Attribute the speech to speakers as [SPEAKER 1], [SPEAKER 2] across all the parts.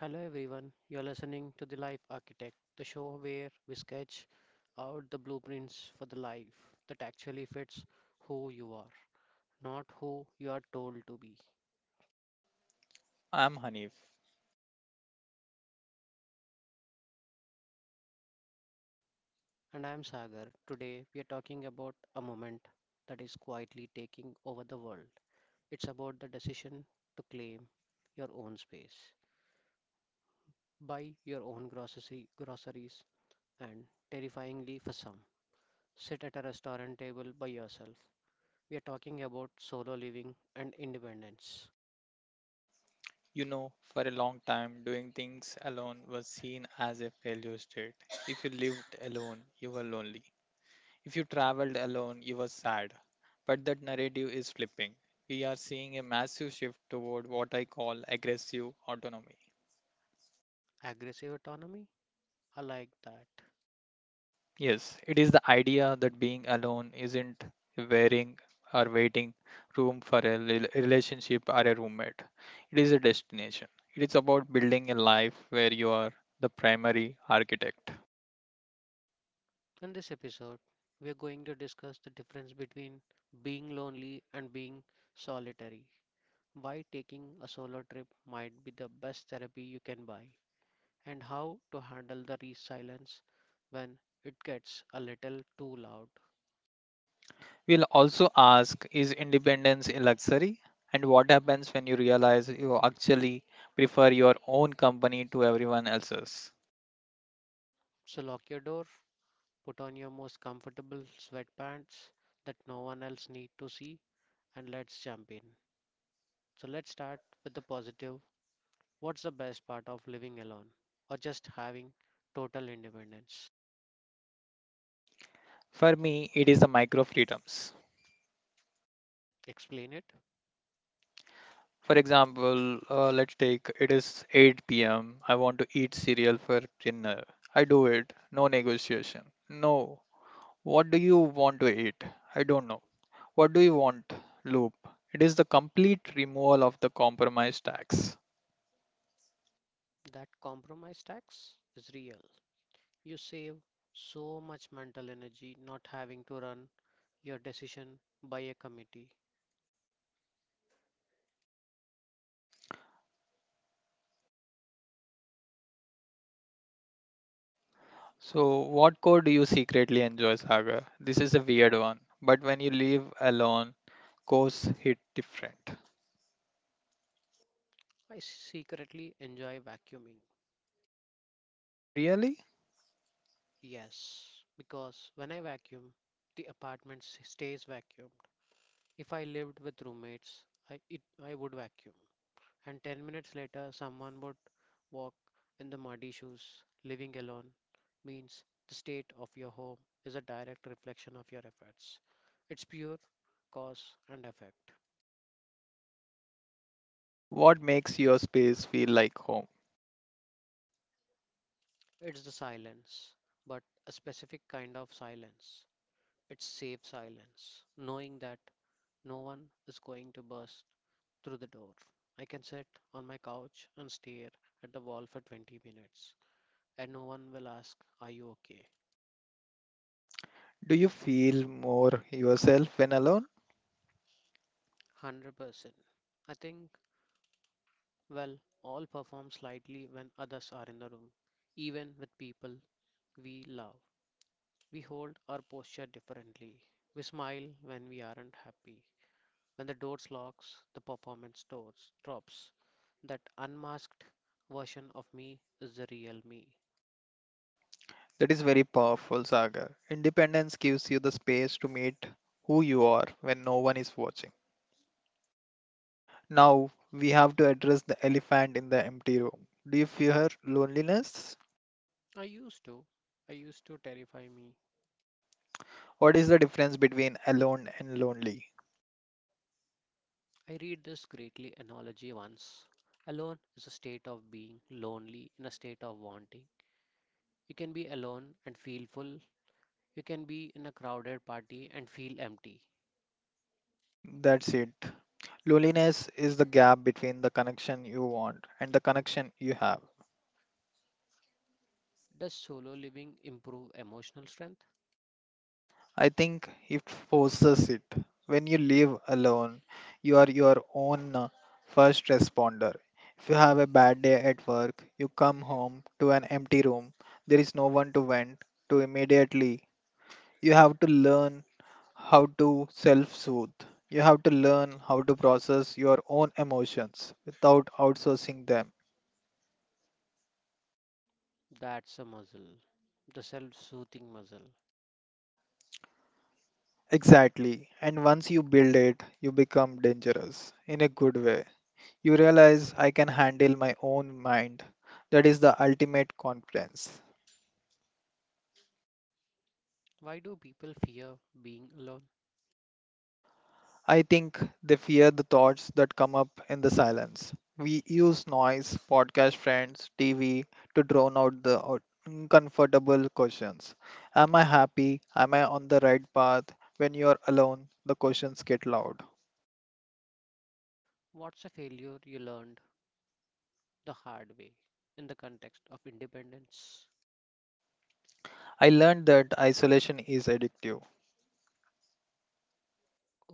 [SPEAKER 1] Hello everyone, you're listening to The Life Architect, the show where we sketch out the blueprints for the life that actually fits who you are, not who you are told to be.
[SPEAKER 2] I'm Hanif.
[SPEAKER 1] And I'm Sagar. Today we are talking about a moment that is quietly taking over the world. It's about the decision to claim your own space, buy your own groceries, and terrifyingly for some, sit at a restaurant table by yourself. We are talking about solo living and independence.
[SPEAKER 2] For a long time, doing things alone was seen as a failure state. If you lived alone, you were lonely. If you traveled alone, you were sad. But that narrative is flipping. We are seeing a massive shift toward what I call aggressive autonomy.
[SPEAKER 1] Aggressive autonomy? I like that.
[SPEAKER 2] Yes, it is the idea that being alone isn't wearing or waiting room for a relationship or a roommate. It is a destination. It is about building a life where you are the primary architect.
[SPEAKER 1] In this episode, we are going to discuss the difference between being lonely and being solitary, why taking a solo trip might be the best therapy you can buy, and how to handle the re silence when it gets a little too loud.
[SPEAKER 2] We'll also ask, is independence a luxury? And what happens when you realize you actually prefer your own company to everyone else's?
[SPEAKER 1] So lock your door, put on your most comfortable sweatpants that no one else need to see, and let's jump in. So let's start with the positive. What's the best part of living alone or just having total independence?
[SPEAKER 2] For me, it is the micro freedoms.
[SPEAKER 1] Explain it.
[SPEAKER 2] For example, let's take it is 8 p.m. I want to eat cereal for dinner. I do it. No negotiation. No. What do you want to eat? I don't know. What do you want? Loop. It is the complete removal of the compromise tax.
[SPEAKER 1] That compromise tax is real. You save so much mental energy not having to run your decision by a committee.
[SPEAKER 2] So, what code do you secretly enjoy, Sagar? This is a weird one. But when you leave alone, codes hit different.
[SPEAKER 1] I secretly enjoy vacuuming.
[SPEAKER 2] Really?
[SPEAKER 1] Yes, because when I vacuum, the stays vacuumed. If I lived with roommates, I would vacuum and 10 minutes later someone would walk in the muddy shoes. Living alone means the state of your home is a direct reflection of your efforts. It's pure cause and effect.
[SPEAKER 2] What makes your space feel like home?
[SPEAKER 1] It's the silence, but a specific kind of silence. It's safe silence, knowing that no one is going to burst through the door. I can sit on my couch and stare at the wall for 20 minutes, and no one will ask, are you okay?
[SPEAKER 2] Do you feel more yourself when alone?
[SPEAKER 1] 100%. I think Well, all perform slightly when others are in the room. Even with people we love, we hold our posture differently. We smile when we aren't happy. When the doors locks, the performance doors drops. That unmasked version of me is the real me.
[SPEAKER 2] That is very powerful, Sagar. Independence gives you the space to meet who you are when no one is watching. Now, we have to address the elephant in the empty room. Do you fear loneliness?
[SPEAKER 1] I used to. I used to terrify me.
[SPEAKER 2] What is the difference between alone and lonely?
[SPEAKER 1] I read this greatly analogy once. Alone is a state of being, lonely in a state of wanting. You can be alone and feel full. You can be in a crowded party and feel empty.
[SPEAKER 2] That's it. Loneliness is the gap between the connection you want and the connection you have.
[SPEAKER 1] Does solo living improve emotional strength?
[SPEAKER 2] I think it forces it. When you live alone, you are your own first responder. If you have a bad day at work, you come home to an empty room. There is no one to vent to immediately. You have to learn how to self soothe. You have to learn how to process your own emotions without outsourcing them.
[SPEAKER 1] That's a muscle, the self soothing muscle.
[SPEAKER 2] Exactly. And once you build it, you become dangerous in a good way. You realize I can handle my own mind. That is the ultimate confidence.
[SPEAKER 1] Why do people fear being alone?
[SPEAKER 2] I think they fear the thoughts that come up in the silence. We use noise, podcast friends, TV to drown out the uncomfortable questions. Am I happy? Am I on the right path? When you are alone, the questions get loud.
[SPEAKER 1] What's a failure you learned the hard way in the context of independence?
[SPEAKER 2] I learned that isolation is addictive.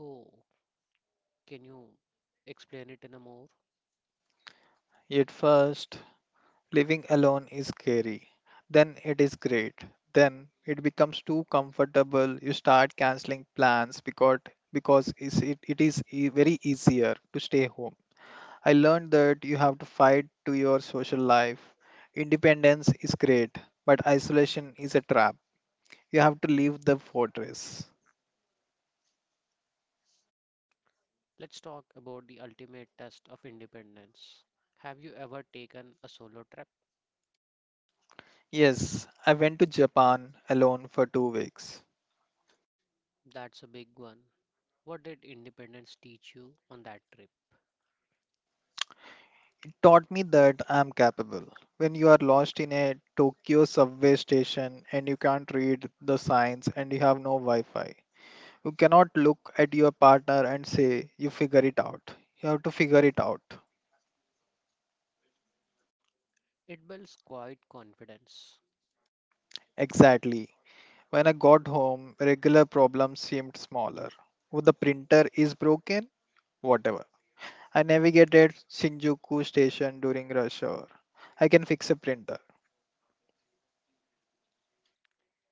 [SPEAKER 1] Oh, can you explain it in a more?
[SPEAKER 2] At first, living alone is scary. Then it is great. Then it becomes too comfortable. You start canceling plans because is it, it is e- very easier to stay home. I learned that you have to fight to your social life. Independence is great, but isolation is a trap. You have to leave the fortress.
[SPEAKER 1] Let's talk about the ultimate test of independence. Have you ever taken a solo trip?
[SPEAKER 2] Yes, I went to Japan alone for 2 weeks.
[SPEAKER 1] That's a big one. What did independence teach you on that trip?
[SPEAKER 2] Taught me that I'm capable. When you are lost in a Tokyo subway station and you can't read the signs and you have no Wi Fi, you cannot look at your partner and say, you figure it out. You have to figure it out.
[SPEAKER 1] It builds quiet confidence.
[SPEAKER 2] Exactly. When I got home, regular problems seemed smaller. Oh, the printer is broken? Whatever. I navigated Shinjuku station during rush hour. I can fix a printer.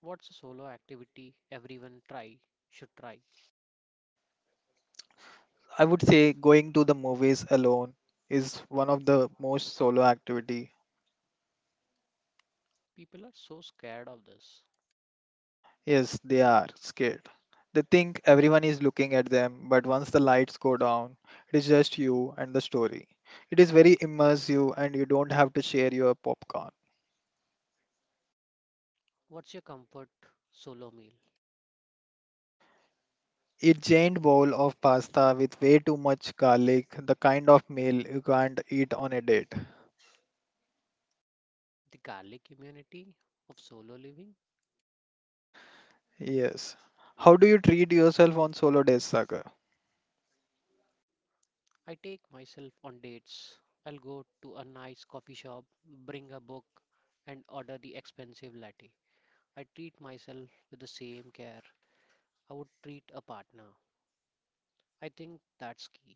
[SPEAKER 1] What's a solo activity everyone try should try?
[SPEAKER 2] I would say going to the movies alone is one of the most solo activity.
[SPEAKER 1] People are so scared of this.
[SPEAKER 2] Yes, they are scared. They think everyone is looking at them, but once the lights go down, it is just you and the story. It is very immersive and you don't have to share your popcorn.
[SPEAKER 1] What's your comfort solo meal?
[SPEAKER 2] A giant bowl of pasta with way too much garlic, the kind of meal you can't eat on a date.
[SPEAKER 1] The garlic immunity of solo living?
[SPEAKER 2] Yes. How do you treat yourself on solo days, Sagar?
[SPEAKER 1] I take myself on dates. I'll go to a nice coffee shop, bring a book, and order the expensive latte. I treat myself with the same care I would treat a partner. I think that's key.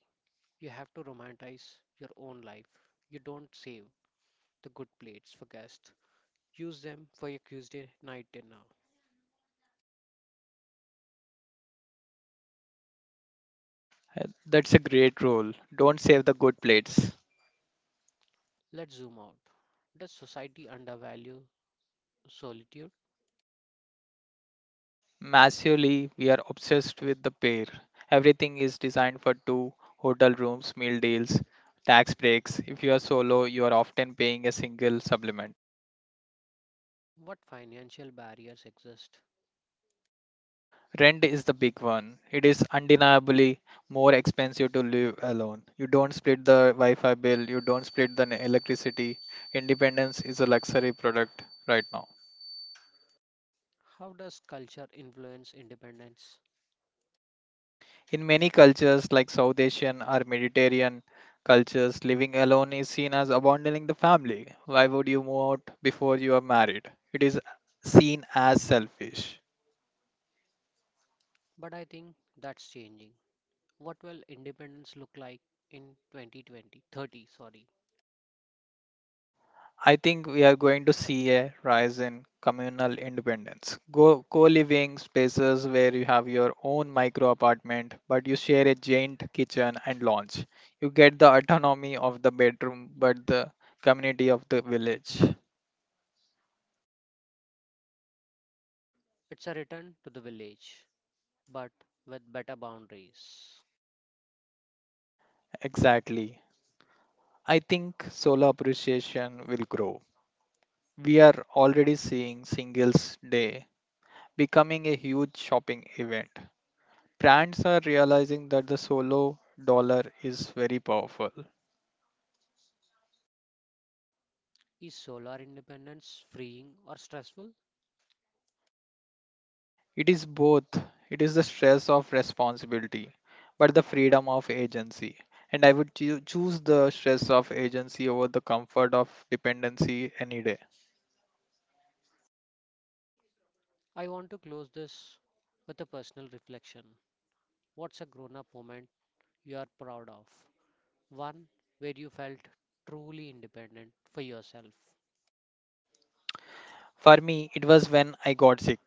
[SPEAKER 1] You have to romanticize your own life. You don't save the good plates for guests. Use them for your Tuesday night dinner.
[SPEAKER 2] That's a great rule. Don't save the good plates.
[SPEAKER 1] Let's zoom out. Does society undervalue solitude?
[SPEAKER 2] Massively, we are obsessed with the pair. Everything is designed for two hotel rooms, meal deals, tax breaks. If you are solo, you are often paying a single supplement.
[SPEAKER 1] What financial barriers exist?
[SPEAKER 2] Rent is the big one. It is undeniably more expensive to live alone. You don't split the Wi Fi bill, you don't split the electricity. Independence is a luxury product right now.
[SPEAKER 1] How does culture influence independence?
[SPEAKER 2] In many cultures, like South Asian or Mediterranean cultures, living alone is seen as abandoning the family. Why would you move out before you are married? It is seen as selfish.
[SPEAKER 1] But I think that's changing. What will independence look like in 2020, 30, sorry?
[SPEAKER 2] I think we are going to see a rise in communal independence. Go co-living spaces where you have your own micro apartment, but you share a joint kitchen and lounge. You get the autonomy of the bedroom, but the community of the village.
[SPEAKER 1] It's a return to the village, but with better boundaries.
[SPEAKER 2] Exactly. I think solar appreciation will grow. We are already seeing Singles Day becoming a huge shopping event. Brands are realizing that the solo dollar is very powerful.
[SPEAKER 1] Is solar independence freeing or stressful?
[SPEAKER 2] It is both, it is the stress of responsibility, but the freedom of agency. And I would choose the stress of agency over the comfort of dependency any day.
[SPEAKER 1] I want to close this with a personal reflection. What's a grown up moment you are proud of? One where you felt truly independent for yourself.
[SPEAKER 2] For me, it was when I got sick.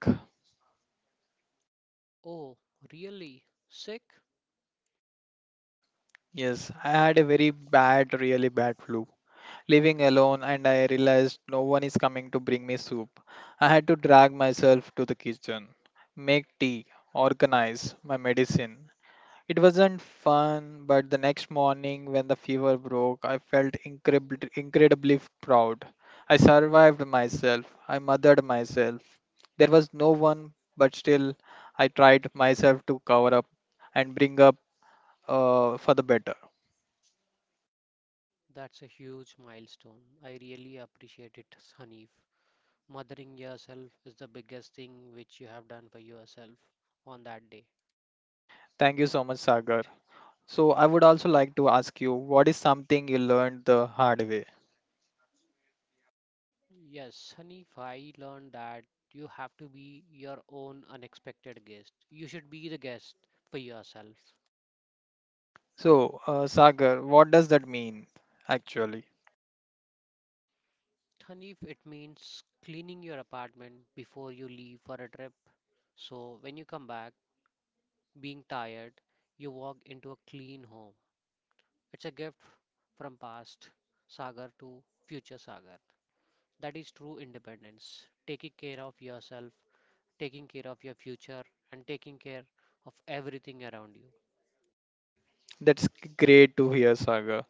[SPEAKER 1] Oh, really? Sick?
[SPEAKER 2] Yes, I had a really bad flu living alone, and I realized no one is coming to bring me soup. I had to drag myself to the kitchen, make tea, organize my medicine. It wasn't fun, but the next morning when the fever broke, I felt incredibly proud. I survived myself, I mothered myself. There was no one, but still, I tried myself to cover up and bring up, for the better.
[SPEAKER 1] That's a huge milestone. I really appreciate it, Hanif. Mothering yourself is the biggest thing which you have done for yourself on that day.
[SPEAKER 2] Thank you so much, Sagar. So I would also like to ask you, what is something you learned the hard way?
[SPEAKER 1] Yes, Hanif, I learned that you have to be your own unexpected guest. You should be the guest for yourself.
[SPEAKER 2] So, Sagar, what does that mean actually?
[SPEAKER 1] Hanif, it means cleaning your apartment before you leave for a trip. So when you come back, being tired, you walk into a clean home. It's a gift from past Sagar to future Sagar. That is true independence. Taking care of yourself, taking care of your future, and taking care of everything around you.
[SPEAKER 2] That's great to hear, Sagar.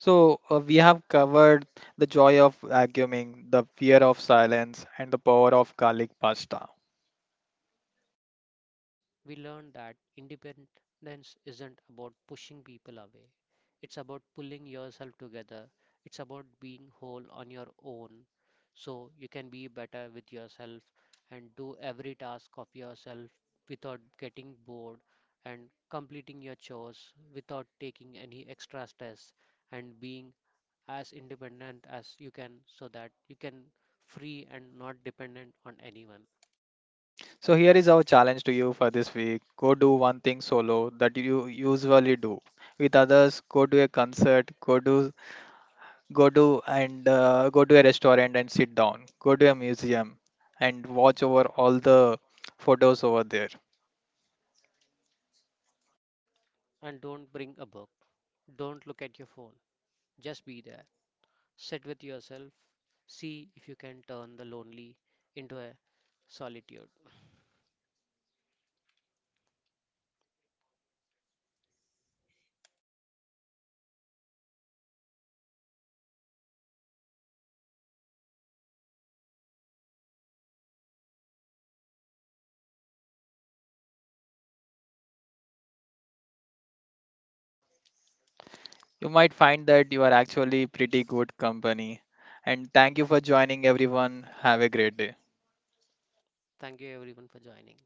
[SPEAKER 2] So, we have covered the joy of vacuuming, the fear of silence, and the power of garlic pasta.
[SPEAKER 1] We learn that independence isn't about pushing people away. It's about pulling yourself together. It's about being whole on your own so you can be better with yourself and do every task of yourself without getting bored and completing your chores without taking any extra stress and being as independent as you can so that you can free and not dependent on anyone.
[SPEAKER 2] So, here is our challenge to you for this week. Go do one thing solo that you usually do with others. Go to a concert, go to and go to a restaurant and sit down, go to a museum and watch over all the photos over there.
[SPEAKER 1] And don't bring a book, don't look at your phone. Just be there. Sit with yourself. See if you can turn the lonely into a solitude.
[SPEAKER 2] You might find that you are actually pretty good company. And thank you for joining. Everyone have a great day.
[SPEAKER 1] Thank you everyone for joining.